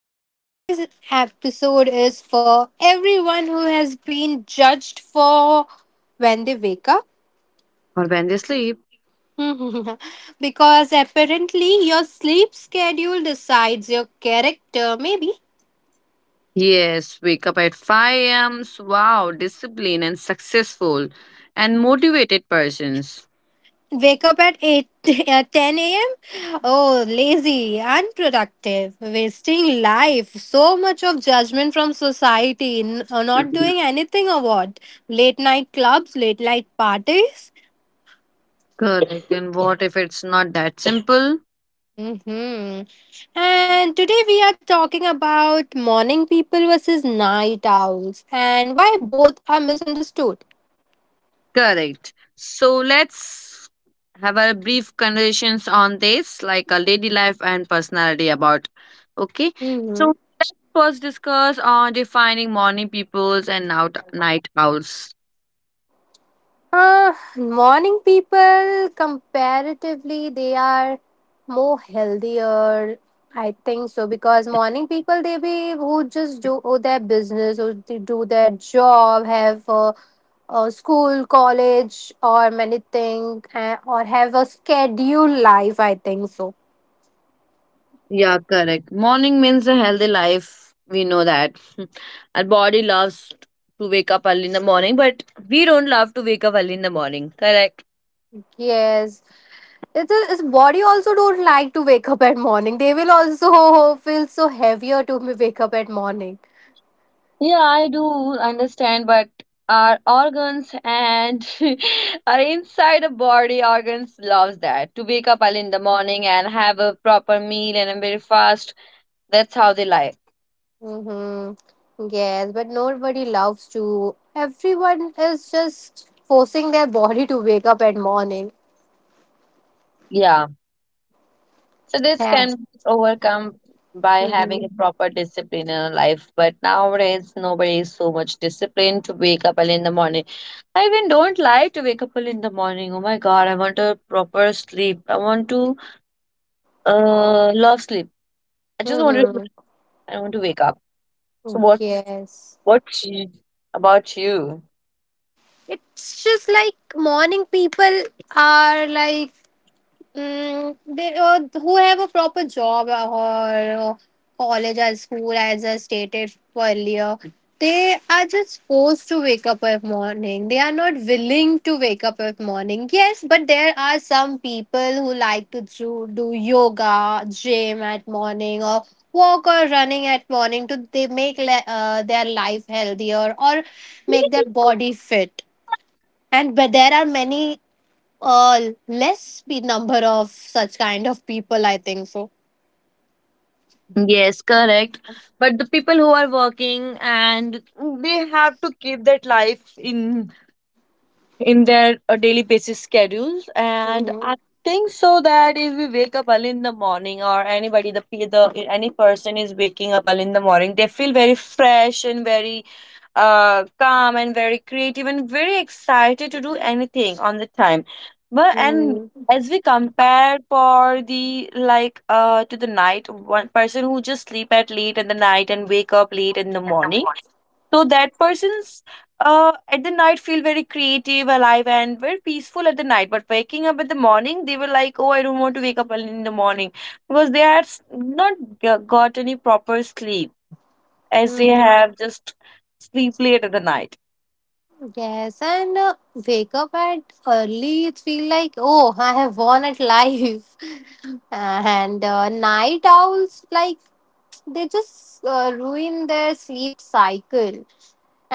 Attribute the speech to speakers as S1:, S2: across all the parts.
S1: and today's episode is for everyone who has been judged for when they wake up.
S2: Or when they sleep.
S1: Because apparently, your sleep schedule decides your character, maybe.
S2: Yes, wake up at 5 a.m. Wow, disciplined and successful and motivated persons.
S1: Wake up at 8, at 10 a.m. Oh, lazy, unproductive, wasting life. So much of judgment from society, not doing anything or what? Late night clubs, late night parties.
S2: Correct. And what if it's not that simple?
S1: Hmm. And today we are talking about morning people versus night owls and why both are misunderstood.
S2: Correct. So let's have a brief conversations on this, like a lady life and personality about. Okay. So
S1: Hmm.
S2: let's first discuss on defining morning peoples and out night owls.
S1: Morning people, comparatively, they are more healthier. I think so because morning people, they be who just do their business, or they do their job, have school, college, or many thing, or have a scheduled life. I think so.
S2: Yeah, correct. Morning means a healthy life. We know that. Our body loves to wake up early in the morning, but we don't love to wake up early in the morning. Correct.
S1: Yes. It's a, Body also don't like to wake up at morning. They will also feel so heavier to wake up at morning.
S2: Yeah, I do understand, but our organs and our inside the body organs loves that to wake up early in the morning and have a proper meal and a very fast. That's how they like.
S1: Mm-hmm. Yes, but nobody loves to. Everyone is just forcing their body to wake up at morning.
S2: Yeah. So this can
S1: Yes.
S2: be overcome by
S1: Mm-hmm.
S2: having a proper discipline in our life. But nowadays, nobody is so much disciplined to wake up early in the morning. I even don't like to wake up early in the morning. Oh my God, I want a proper sleep. I want to love sleep. I just want to.
S1: Mm-hmm.
S2: I want to wake up. So what's
S1: Yes.
S2: what about you?
S1: It's just like morning people are like they, who have a proper job or college or school, as I stated earlier, they are just forced to wake up every morning. They are not willing to wake up every morning. Yes, but there are some people who like to do yoga, gym at morning, or walk or running at morning to they make their life healthier or make their body fit. And but there are many less number of such kind of people, I think so.
S2: Yes, correct. But the people who are working and they have to keep that life in their daily basis schedules, and I
S1: Hmm.
S2: think so that if we wake up early in the morning, or anybody the, pe- the any person is waking up early in the morning, they feel very fresh and very calm and very creative and very excited to do anything on the time. But and as we compare for the like to the night, one person who just sleep at late in the night and wake up late in the morning, so that person's at the night feel very creative, alive, and very peaceful at the night. But waking up at the morning, they were like, oh, I don't want to wake up early in the morning because they had not got any proper sleep, as they
S1: Mm-hmm.
S2: have just sleep late at the night.
S1: Yes, and wake up at early, it feel like oh, I have won at life. And night owls like, they just ruin their sleep cycle,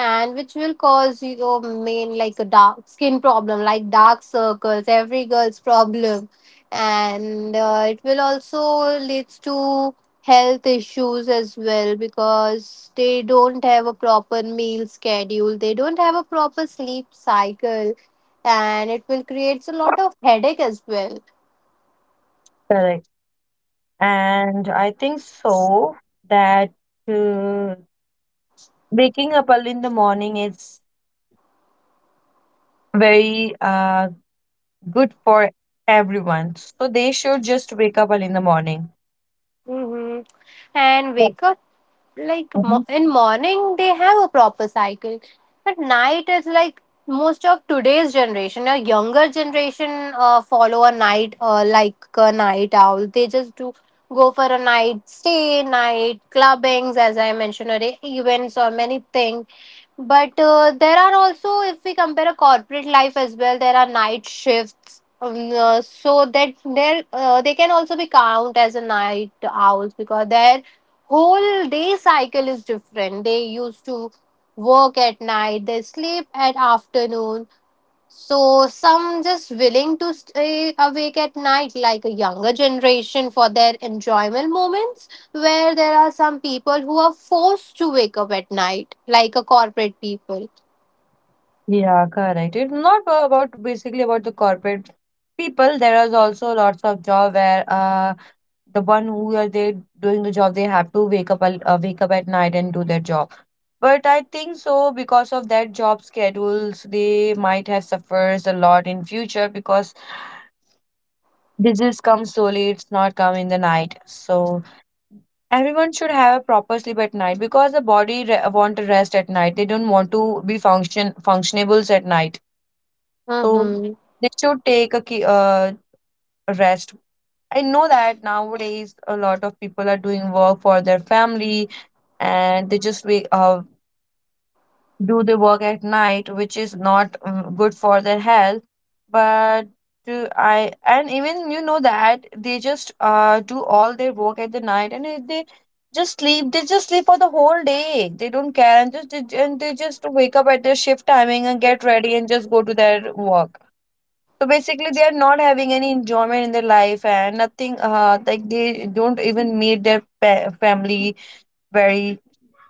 S1: and which will cause your main like a dark skin problem, like dark circles, every girl's problem, and it will also leads to health issues as well because they don't have a proper meal schedule, they don't have a proper sleep cycle, and it will creates a lot of headache as well.
S2: Correct. And I think so that uh, waking up early in the morning is very good for everyone. So they should just wake up early in the morning.
S1: Hmm. And
S2: Yeah.
S1: wake up like
S2: Mm-hmm.
S1: in morning they have a proper cycle, but night is like most of today's generation, a younger generation, follow a night, like a night owl. They just do go for a night stay, night clubbings, as I mentioned already, events or many things. But there are also, if we compare a corporate life as well, there are night shifts, so that there they can also be count as a night owls because there whole day cycle is different. They used to work at night, they sleep at afternoon. So some just willing to stay awake at night, like a younger generation, for their enjoyment moments. Where there are some people who are forced to wake up at night, like a corporate people.
S2: Yeah, correct. It's not about basically about the corporate people. There is also lots of job where the one who are they doing the job, they have to wake up at night and do their job. But I think so because of that job schedules, they might have suffers a lot in future because disease comes slowly. It's not come in the night. So everyone should have a proper sleep at night because the body want to rest at night. They don't want to be functionables at night, so
S1: Mm-hmm.
S2: they should a rest. I know that nowadays a lot of people are doing work for their family and they just do the work at night, which is not good for their health. But to, I and even you know that they just do all their work at the night, and if they just sleep. They just sleep for the whole day. They don't care and they just wake up at their shift timing and get ready and just go to their work. So basically, they are not having any enjoyment in their life and nothing. Like they don't even meet their family very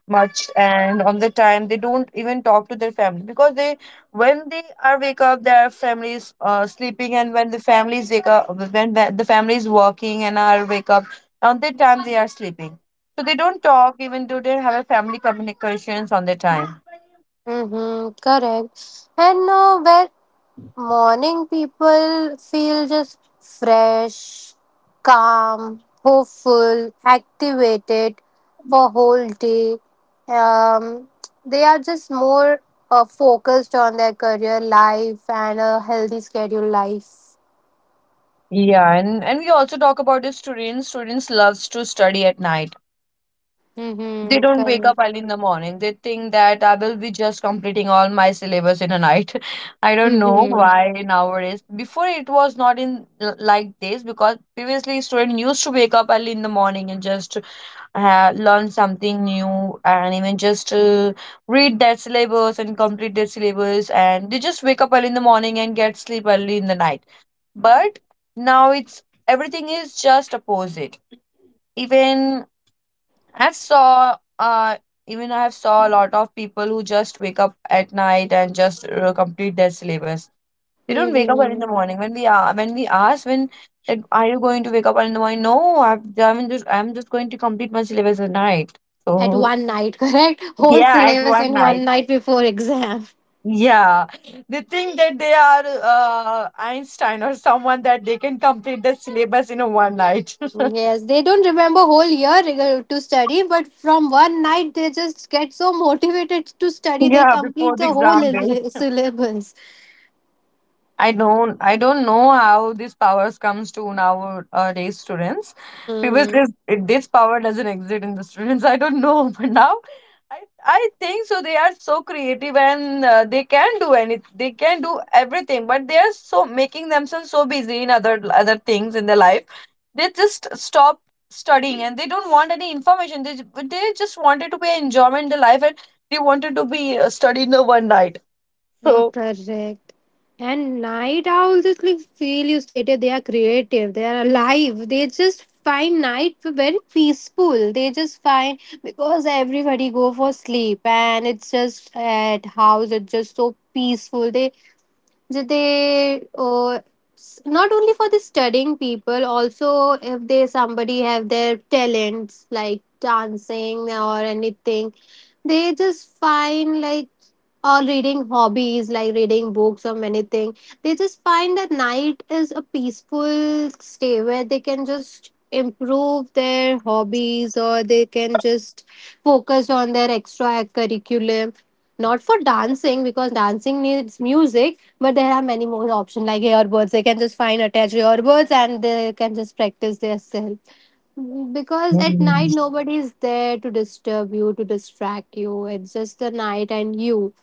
S2: much, and on the time they don't even talk to their family because they, when they are wake up, their family is sleeping, and when the families wake up, when the family is working and are wake up, on the time they are sleeping. So they don't talk even do they have a family communications on the time.
S1: Mm-hmm. Correct. And where Morning people feel just fresh, calm, hopeful, activated for whole day. Um, they are just more focused on their career life and a healthy schedule life.
S2: Yeah, and we also talk about the students. Students loves to study at night. They
S1: Mm-hmm,
S2: don't wake up
S1: correct.
S2: early in the morning. They think that I will be just completing all my syllabus in a night. I don't know
S1: Mm-hmm,
S2: why nowadays. Before it was not like this, because previously student used to wake up early in the morning and just learn something new and even just read that syllabus and complete that syllabus, and they just wake up early in the morning and get sleep early in the night. But now it's everything is just opposite. Even I've saw uh Even I have saw a lot of people who just wake up at night and just complete their syllabus. They don't wake up early in the
S1: mm-hmm.
S2: morning. When we are when we ask when that are you going to wake up early in the morning? No, I'm just going to complete my syllabus at night.
S1: At
S2: So
S1: one night, correct? Whole
S2: yeah, at
S1: syllabus
S2: one
S1: in one
S2: night.
S1: night before exam.
S2: Yeah, they think that they are Einstein or someone, that they can complete the syllabus in a one night.
S1: Yes, they don't remember whole year to study, but from one night they just get so motivated to study, they
S2: Yeah, before
S1: complete
S2: the
S1: the whole
S2: exam day.
S1: syllabus.
S2: I don't know how these powers comes to nowadays students.
S1: Hmm.
S2: Previously, this power doesn't exist in the students. I don't know, but now I think so. They are so creative and they can do any they can do everything. But they are so making themselves so busy in other things in their life. They just stop studying and they don't want any information. They just wanted to be enjoyment in the life, and they wanted to be studied the one night.
S1: Oh,
S2: So.
S1: correct. And night owls, just like feel you stated, they are creative, they are alive. They just find night very peaceful. They just find because everybody go for sleep and it's just at house, it's just so peaceful. They that they s- Not only for the studying people, also if they somebody have their talents like dancing or anything, they just find like, or reading hobbies like reading books or many things. They just find that night is a peaceful stay where they can just improve their hobbies or they can just focus on their extra curriculum. Not for dancing because dancing needs music, but there are many more options like earbuds. They can just find attached earbuds and they can just practice their self. Because at night nobody is there to disturb you, to distract you. It's just the night and you.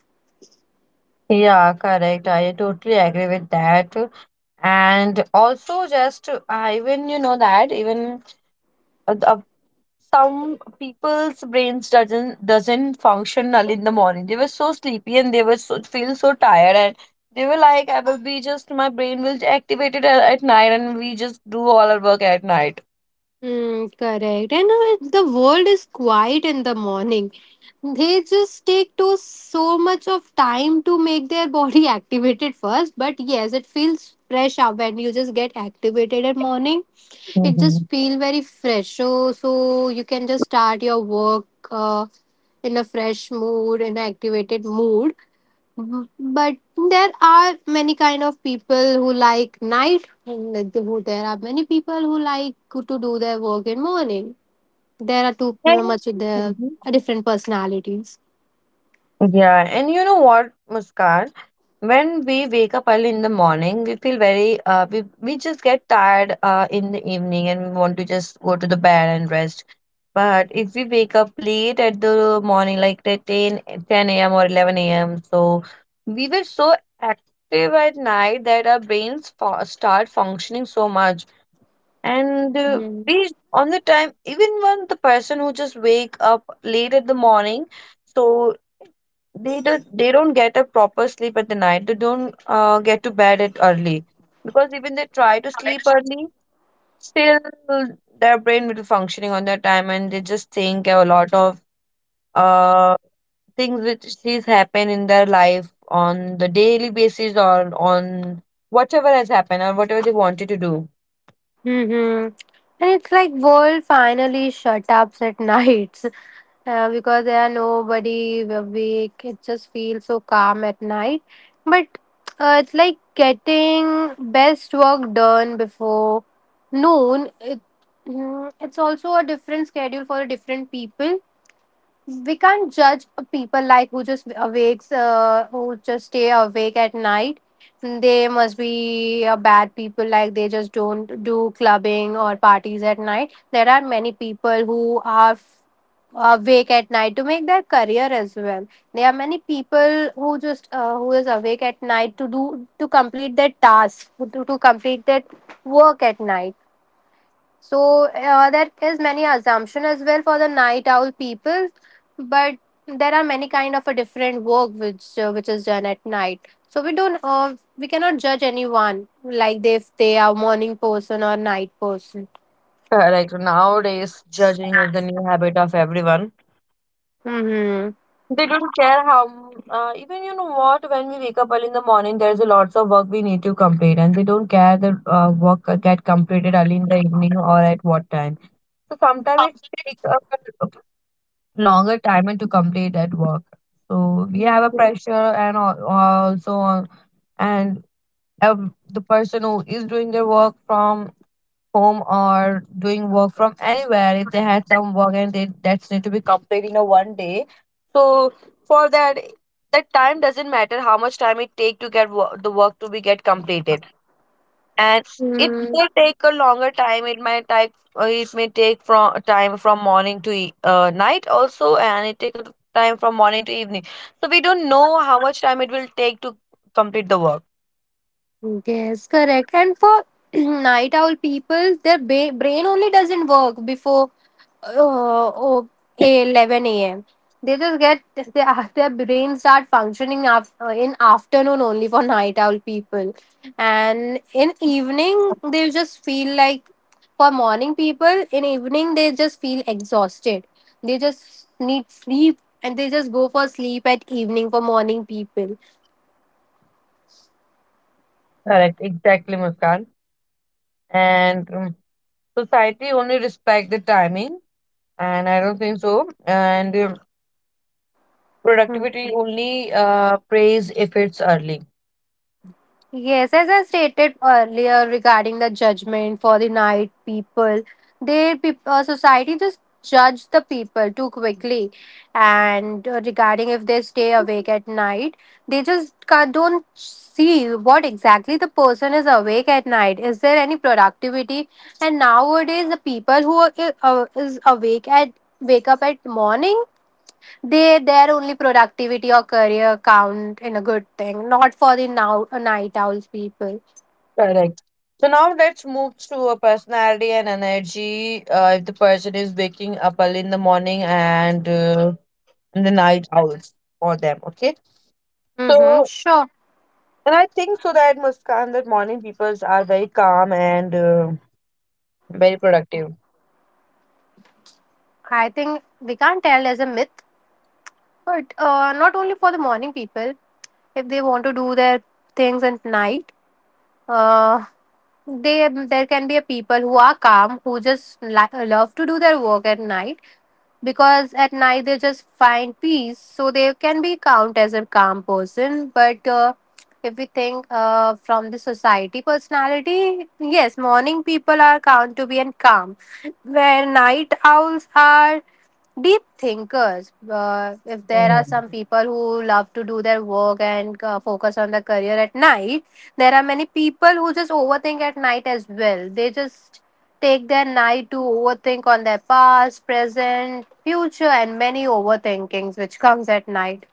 S2: Yeah, correct. I totally agree with that. And also, just I even you know that even uh, uh, some people's brains doesn't functional in the morning. They were so sleepy and they were so feel so tired, and they were like, I will be just my brain will activate at night, and we just do all our work at night.
S1: Mm, correct. And the world is quiet in the morning. They just take to so much of time to make their body activated first. But yes, it feels fresh out when you just get activated at morning. It
S2: Hmm.
S1: just feel very fresh. So you can just start your work in a fresh mood, in an activated mood. Mhm. But there are many kind of people who like night, who there are many people who like to do their work in morning. There are too
S2: And.
S1: much of the
S2: Mhm.
S1: different personalities.
S2: Yeah, and you know what, Muskan? When we wake up early in the morning, we feel very, we just get tired in the evening, and we want to just go to the bed and rest. But if we wake up late at the morning, like the ten a.m. or 11 a.m., so we were so active at night that our start functioning so much, and
S1: Mhm.
S2: please on the time even when the person who just wake up late at the morning, so they don't get a proper sleep at the night. They don't get to bed at early because even they try to sleep early, still their brain will be functioning on their time, and they just think a lot of uh things which is happen in their life on the daily basis, or on whatever has happened, or whatever they wanted to do.
S1: Hmm. And it's like world finally shut up at nights, because there are nobody awake. It just feels so calm at night. But it's like getting best work done before noon. It's also a different schedule for different people. We can't judge a people like who just awakes, who just stay awake at night, they must be a bad people. Like, they just don't do clubbing or parties at night. There are many people who are awake at night to make their career as well. There are many people who just who is awake at night to do, to complete their task, to complete their work at night. So there is many assumption as well for the night owl people, but there are many kind of a different work which is done at night. So we don't, we cannot judge anyone like they, if they are morning person or night person.
S2: Correct. Nowadays, judging is the new habit of everyone.
S1: Mm-hmm.
S2: They don't care how, even you know what, when we wake up early in the morning, there's a lots of work we need to complete, and they don't care the work get completed early in the evening or at what time. So sometimes it's take a longer time and to complete that work. So we have a pressure and also, on, and the person who is doing their work from home or doing work from anywhere, if they had some work and they that's need to be completed in a one day, so for that time doesn't matter how much time it take to get the work to be get completed, and it may take a longer time. It might take it may take from time from morning to night also, and it take a time from morning to evening. So we don't know how much time it will take to complete the work.
S1: Yes, correct. And for night owl people, their brain only doesn't work before uh, oh, 11 a.m. They just get their, their brain start functioning, in afternoon only for night owl people, and in evening they just feel like, for morning people in evening they just feel exhausted. They just need sleep and they just go for sleep at evening for morning people.
S2: Correct, exactly, Muskan. And society only respect the timing, and I don't think so. And
S1: Hmm.
S2: productivity only praise if it's early.
S1: Yes, as I stated earlier regarding the judgment for the night people, their peop society just judge the people too quickly. And regarding if they stay awake at night, they just ca don't see what exactly the person is awake at night. Is there any productivity? And nowadays, the people who are is awake at wake up at morning, they their only productivity or career count in a good thing, not for the now night owls people.
S2: Correct. So now let's move to a personality and energy. If the person is waking up early in the morning and in the night owls for them, okay?
S1: Mm-hmm,
S2: So,
S1: sure.
S2: and I think so that Muskan, that morning people are very calm and very productive.
S1: I think we can't tell as a myth, but not only for the morning people, if they want to do their things at night, uh, they there can be a people who are calm, who just love to do their work at night, because at night they just find peace, so they can be count as a calm person. But if we think from the society personality, yes, morning people are count to be and calm, where night owls are deep thinkers. If there are
S2: Mhm.
S1: some people who love to do their work and focus on their career at night, there are many people who just overthink at night as well. They just take their night to overthink on their past, present, future, and many overthinkings which comes at night.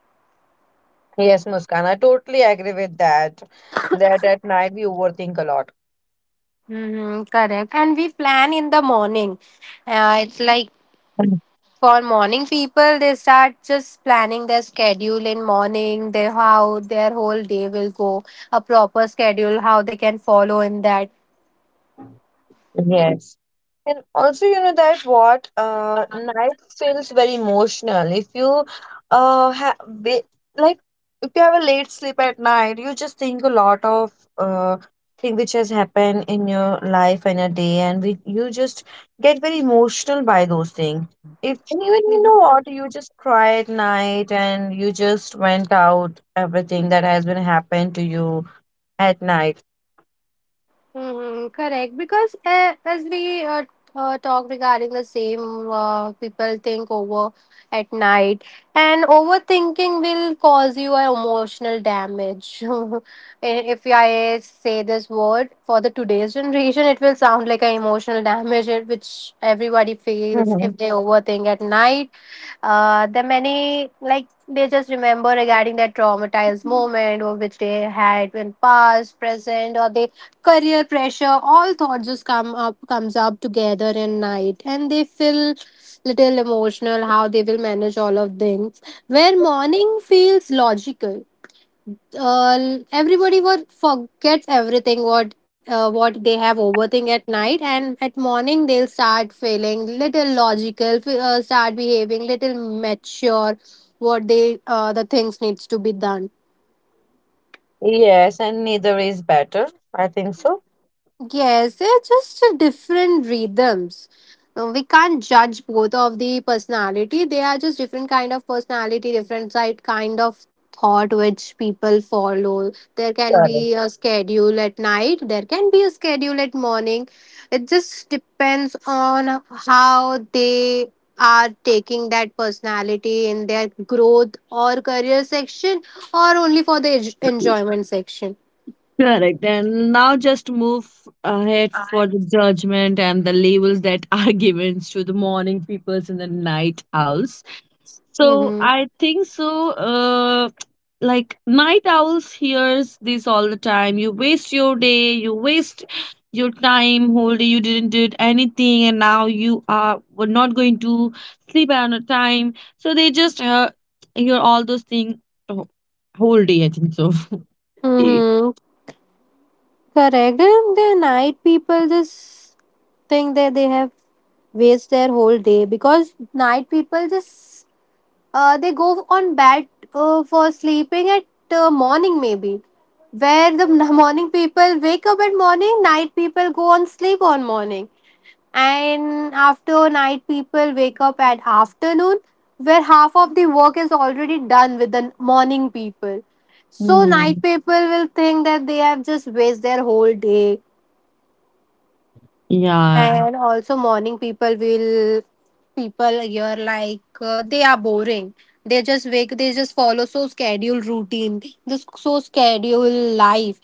S2: Yes, Muskan, I totally agree with that. That at night we overthink a lot.
S1: Mm-hmm, correct. And we plan in the morning. It's like for morning people, they start just planning their schedule in morning, their how their whole day will go, a proper schedule, how they can follow in that.
S2: Yes. And also, you know that what night feels very emotional. If you have, like, if you have a late sleep at night, you just think a lot of uh thing which has happened in your life and a day, and you just get very emotional by those things. If and even you know what, you just cry at night and you just went out everything that has been happened to you at night.
S1: Mm-hmm, correct. Because as we talk regarding the same, people think over at night, and overthinking will cause you an emotional damage. If I say this word for the today's generation, it will sound like an emotional damage, which everybody feels
S2: Mhm.
S1: if they overthink at night. The many like they just remember regarding that traumatized moment or which they had in past, present, or they career pressure, all thoughts just comes up together in night and they feel little emotional how they will manage all of things, where morning feels logical. uh, Everybody what forgets everything what they have overthink at night, and at morning they'll start feeling little logical, start behaving little mature, what they the things needs to be done.
S2: Yes, and neither is better. I think so.
S1: Yes, they're just different rhythms. We can't judge both of the personality. They are just different kind of personality, different side kind of thought which people follow. There can
S2: Correct.
S1: be a schedule at night. There can be a schedule at morning. It just depends on how they are taking that personality in their growth or career section, or only for the enjoyment section.
S2: Correct. And now just move ahead for the judgment and the labels that are given to the morning peoples and the night owls. So
S1: Mm-hmm.
S2: I think so. Like night owls hears this all the time. You waste your day. You waste your time whole day. You didn't do anything, and now you are were not going to sleep on a time. So they just hear all those things wh- whole day. I think so. Y-
S1: Mm-hmm. Correct. And the night people just think that they have waste their whole day because night people just they go on bed for sleeping at morning maybe where the morning people wake up at morning, night people go on sleep on morning, and after night, people wake up at afternoon, where half of the work is already done with the morning people. So, night
S2: Hmm.
S1: people will think that they have just waste their whole day,
S2: Yeah.
S1: and also morning people will people here like they are boring. They just wake, they just follow so scheduled routine, this so scheduled life,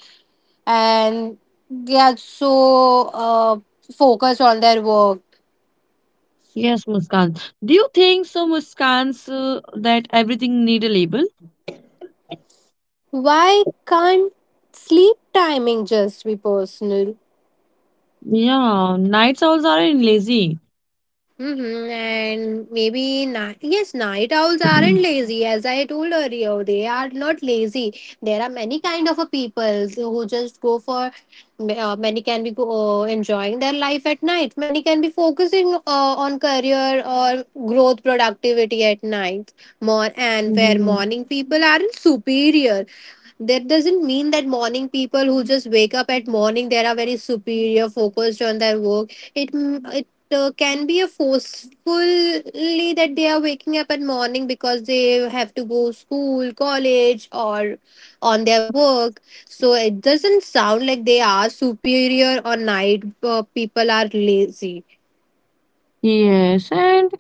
S1: and they are so focused on their work.
S2: Yes, Muskan. Do you think so, Muskan, so that everything need a label?
S1: Why can't sleep timing just be personal?
S2: Yeah, night owls are lazy.
S1: Mm-hmm. And maybe yes, night owls aren't lazy. As I told earlier, they are not lazy. There are many kind of a people who just go for. Many can be go, enjoying their life at night. Many can be focusing on career or growth, productivity at night. More and where
S2: Mhm.
S1: morning people aren't superior. That doesn't mean that morning people who just wake up at morning they are very superior, focused on their work. It can be a forcefully that they are waking up at morning because they have to go school, college, or on their work. So it doesn't sound like they are superior or night people are lazy.
S2: Yes, and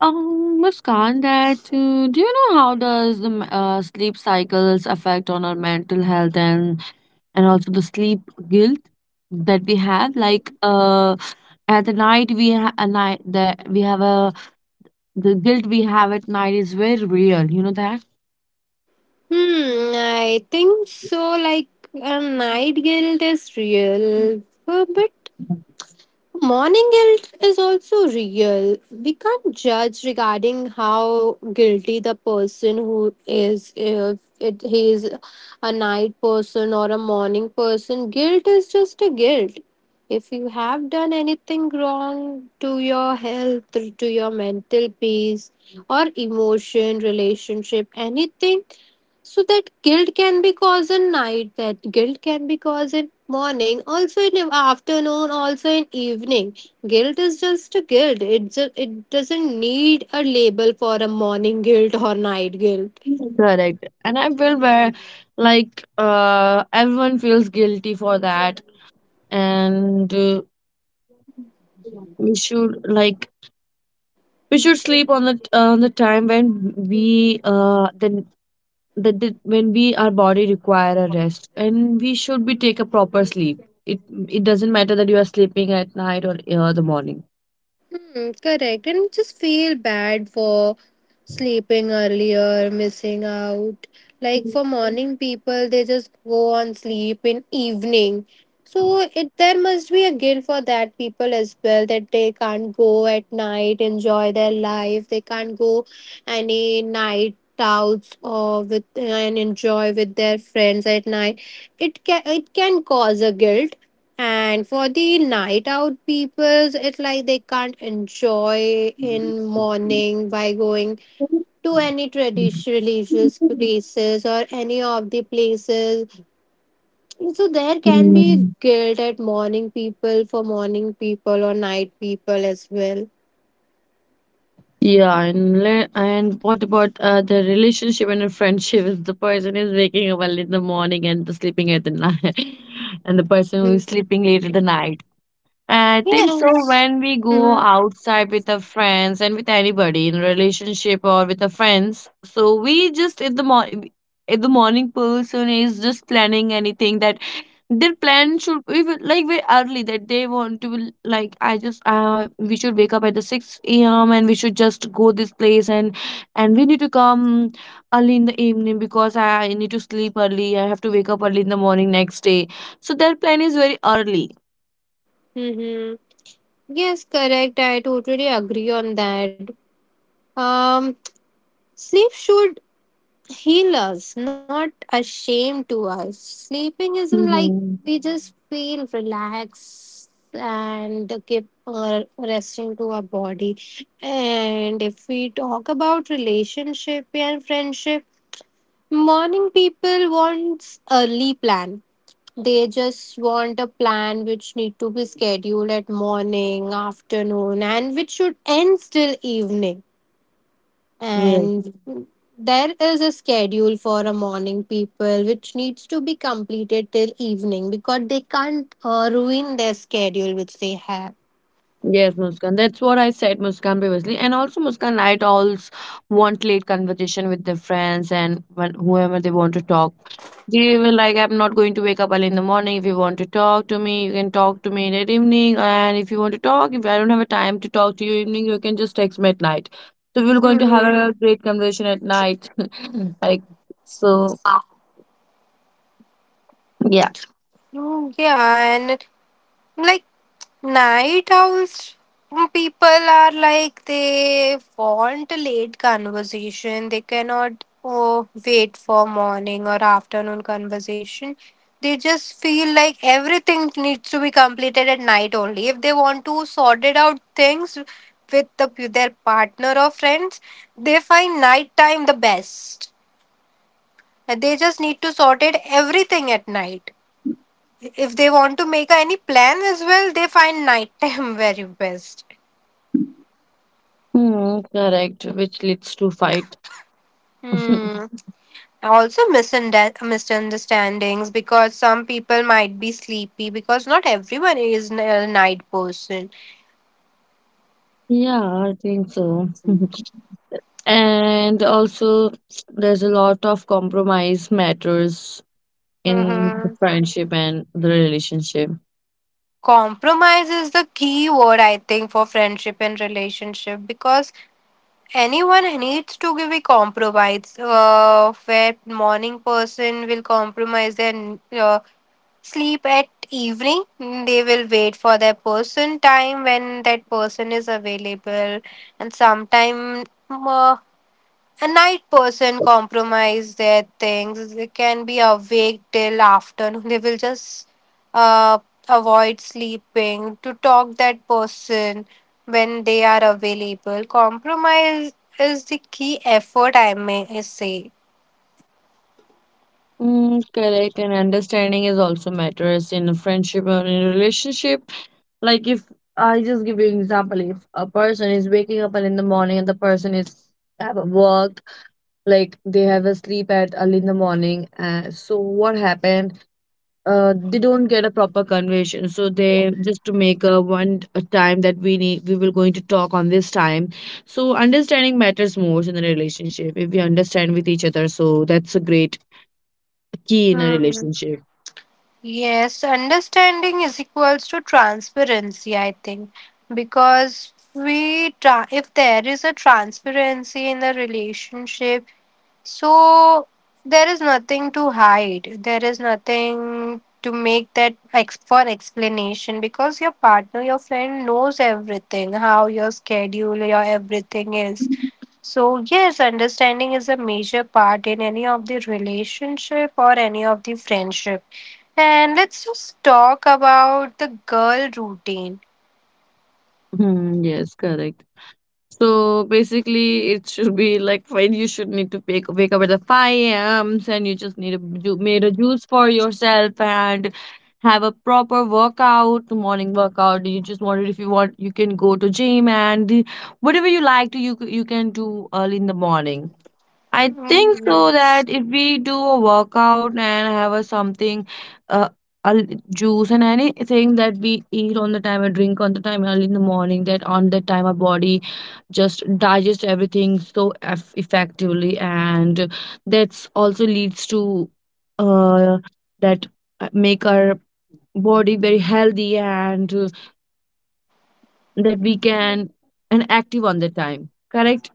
S2: Muskan, that do you know how does the sleep cycles affect on our mental health and also the sleep guilt that we have? Like at the night we ha a night that we have a the guilt we have at night is very real. You know that.
S1: Hmm, I think so. Like, night guilt is real, but morning guilt is also real. We can't judge regarding how guilty the person who is, if it, he is a night person or a morning person. Guilt is just a guilt. If you have done anything wrong to your health, to your mental peace, or emotion, relationship, anything, so that guilt can be caused in night, that guilt can be caused in morning, also in afternoon, also in evening. Guilt is just a guilt. It just, it doesn't need a label for a morning guilt or night guilt.
S2: Correct. And I feel where like everyone feels guilty for that and we should like we should sleep on the time when we then that the, when we our body require a rest and we should be take a proper sleep it it doesn't matter that you are sleeping at night or the morning.
S1: Hmm, correct. And just feel bad for sleeping earlier, missing out. Like for morning people, they just go on sleep in evening. So it there must be a guilt for that people as well that they can't go at night, enjoy their life. They can't go any night outs or with and enjoy with their friends at night. It can cause a guilt. And for the night out peoples, it's like they can't enjoy in morning by going to any traditional religious places or any of the places. So there can be
S2: Mm.
S1: guilt at morning people for morning people or night people as well.
S2: Yeah, and and what about the relationship and the friendship if the person is waking up early in the morning and the sleeping at the night and the person who
S1: Mhm.
S2: is sleeping late at the night. I think so
S1: Yes.
S2: when we go
S1: Mm-hmm.
S2: outside with our friends and with anybody in relationship or with our friends, so we just in the morning, if the morning person is just planning anything that their plan should be like very early that they want to be like I just we should wake up at the six a.m. and we should just go this place and we need to come early in the evening because I need to sleep early, I have to wake up early in the morning next day, so their plan is very early.
S1: Mm-hmm. Yes, correct. I totally agree on that. Um, sleep should heal us, not a shame to us. Sleeping isn't like
S2: Hmm.
S1: we just feel relaxed and keep resting to our body. And if we talk about relationship and friendship, morning people wants early plan. They just want a plan which need to be scheduled at morning, afternoon, and which should end till evening, and there is a schedule for a morning people which needs to be completed till evening because they can't ruin their schedule which they have.
S2: Yes, Muskan. That's what I said, Muskan, previously. And also, Muskan, night always want late conversation with their friends and whoever they want to talk. They were like, I'm not going to wake up early in the morning. If you want to talk to me, you can talk to me in the evening. And if you want to talk, if I don't have a time to talk to you evening, you can just text me at night. So we are going to have a
S1: Hmm.
S2: great conversation at night. Like, so, yeah.
S1: Mm, yeah, and like night owls people are like they want a late conversation. They cannot wait for morning or afternoon conversation. They just feel like everything needs to be completed at night only. If they want to sort it out things with the, their partner or friends, they find night time the best. And they just need to sort it everything at night. If they want to make any plan as well, they find nighttime very best.
S2: Hmm, correct. Which leads to fight.
S1: Hmm. Also, misunderstandings because some people might be sleepy because not everyone is a night person.
S2: Yeah, I think so. And also there's a lot of compromise matters in the
S1: Mm-hmm.
S2: friendship and the relationship.
S1: Compromise is the key word, I think, for friendship and relationship because anyone needs to give a compromise. Where morning person will compromise their sleep at evening. They will wait for their person time when that person is available, and sometime mm, uh, a night person compromise their things. They can be awake till afternoon. They will just uh, avoid sleeping to talk that person when they are available. Compromise is the key effort. I may say.
S2: Mm, correct, and understanding is also matters in a friendship or in a relationship. Like if I just give you an example, if a person is waking up early in the morning and the person is have a work, like they have a sleep at early in the morning, so what happened, they don't get a proper conversation. So they just to make a one a time that we need we will going to talk on this time. So understanding matters most in a relationship. If we understand with each other, so that's a great key in a
S1: Hmm.
S2: relationship.
S1: Yes, understanding is equals to transparency, I think, because if there is a transparency in the relationship, so there is nothing to hide. There is nothing to make that for explanation because your partner, your friend knows everything, how your schedule, your everything is. So yes, understanding is a major part in any of the relationship or any of the friendship. And let's just talk about the girl routine.
S2: Hmm, yes, correct. So basically, it should be like when you should need to wake up at the 5 a.m. and you just need to do, made a juice for yourself and have a proper workout, morning workout. You just want it if you want, you can go to gym and whatever you like to you you can do early in the morning. I
S1: Mm,
S2: think so
S1: yes.
S2: that if we do a workout and have a something, uh, a l- juice and anything that we eat on the time, or drink on the time early in the morning, that on that time our body just digest everything so effectively, and that's also leads to uh that make our body very healthy and that we can and active on the time. Correct?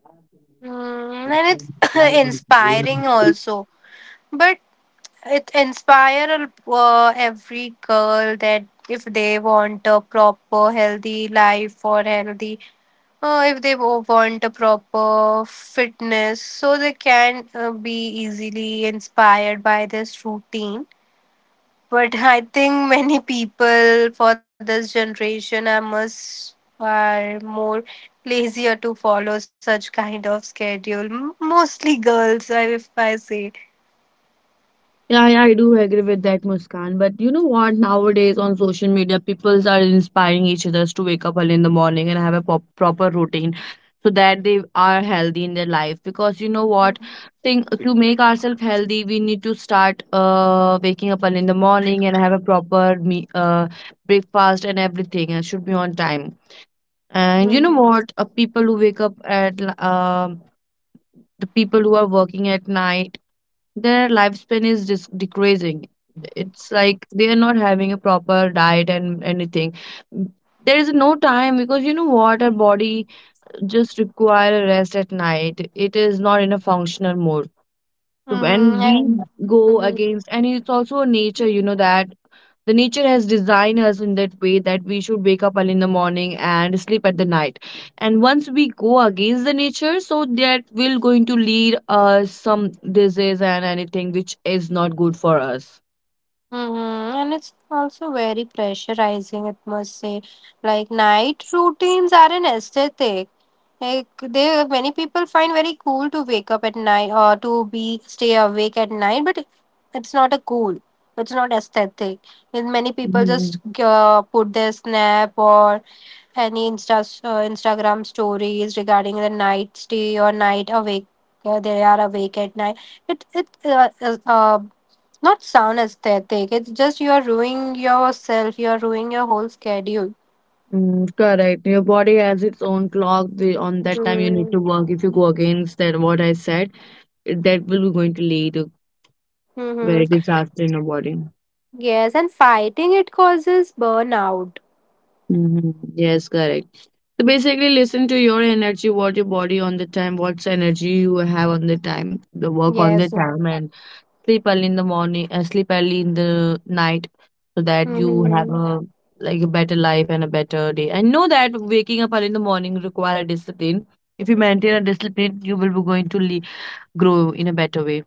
S1: Mm, and it's inspiring also. But it inspire every girl that if they want a proper healthy life or healthy, if they want a proper fitness so they can be easily inspired by this routine, but I think many people for this generation I must are more lazier to follow such kind of schedule. Mostly girls, if I say.
S2: Yeah, yeah, I do agree with that, Muskan. But you know what? Nowadays on social media, people are inspiring each others to wake up early in the morning and have a proper routine so that they are healthy in their life. Because you know what? Think to make ourselves healthy, we need to start waking up early in the morning and have a proper me breakfast and everything, and should be on time. And you know what? People who wake up at the people who are working at night, their lifespan is just decreasing. It's like they are not having a proper diet and anything, there is no time, because you know what, our body just require a rest at night, it is not in a functional mode. So
S1: Mm-hmm.
S2: when we
S1: And,
S2: go
S1: hmm.
S2: against, and it's also a nature, you know, that the nature has designed us in that way that we should wake up early in the morning and sleep at the night. And once we go against the nature, so that will going to lead us some disease and anything which is not good for us.
S1: Hmm, and it's also very pressurizing, it must say. Like night routines are an aesthetic. Like they, many people find very cool to wake up at night or to be stay awake at night, but it's not a cool. It's not aesthetic. And many people just
S2: Mhm.
S1: put their snap or any Instagram stories regarding the night stay or night awake. They are awake at night. It not sound aesthetic. It's just you are ruining yourself. You are ruining your whole schedule.
S2: Mm, correct. Your body has its own clock. The, on that time, you need
S1: Mm.
S2: to work. If you go against that, what I said, that will be going to lead to
S1: Mm-hmm.
S2: very disaster in your body.
S1: Yes, and fighting it causes burnout.
S2: Hmm. Yes, correct. So basically, listen to your energy, what your body on the time, what's energy you have on the time, the work on the
S1: Yes.
S2: time, and sleep early in the morning, sleep early in the night, so that you have
S1: Mm-hmm.
S2: a like a better life and a better day. And know that waking up early in the morning require a discipline. If you maintain a discipline, you will be going to grow in a better way.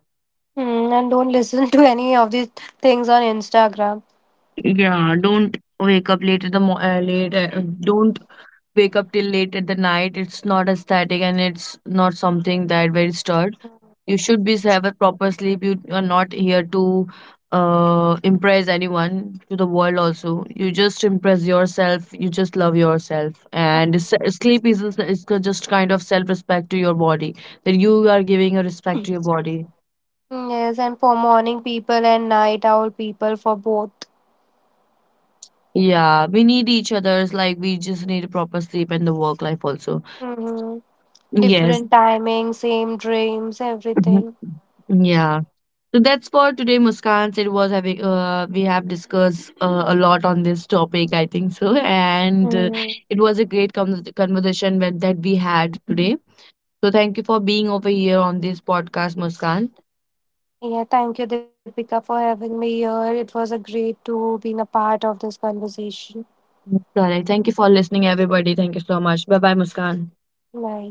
S1: Mm, and don't listen to any of these things on Instagram.
S2: Yeah, don't wake up late at the late. Don't wake up till late at the night. It's not aesthetic and it's not something that very stir. You should be so have a proper sleep, you are not here to impress anyone to the world also, you just impress yourself, you just love yourself, and sleep is just kind of self respect to your body, that you are giving a respect
S1: Mm.
S2: to your body.
S1: Yes, and for morning people and night owl people for both.
S2: Yeah, we need each other's, like we just need a proper sleep and the work life also.
S1: Hmm.
S2: Yes.
S1: Different timing, same dreams,
S2: Mhm.
S1: everything.
S2: Yeah. So that's for today, Muskan. It was having we have discussed a lot on this topic, I think so, and
S1: Mm.
S2: it was a great conversation with, that we had today. So thank you for being over here on this podcast, Muskan.
S1: Yeah, thank you, Deepika, for having me here. It was a great to being a part of this conversation.
S2: Correct. Thank you for listening, everybody. Thank you so much. Bye bye, Muskan.
S1: Bye.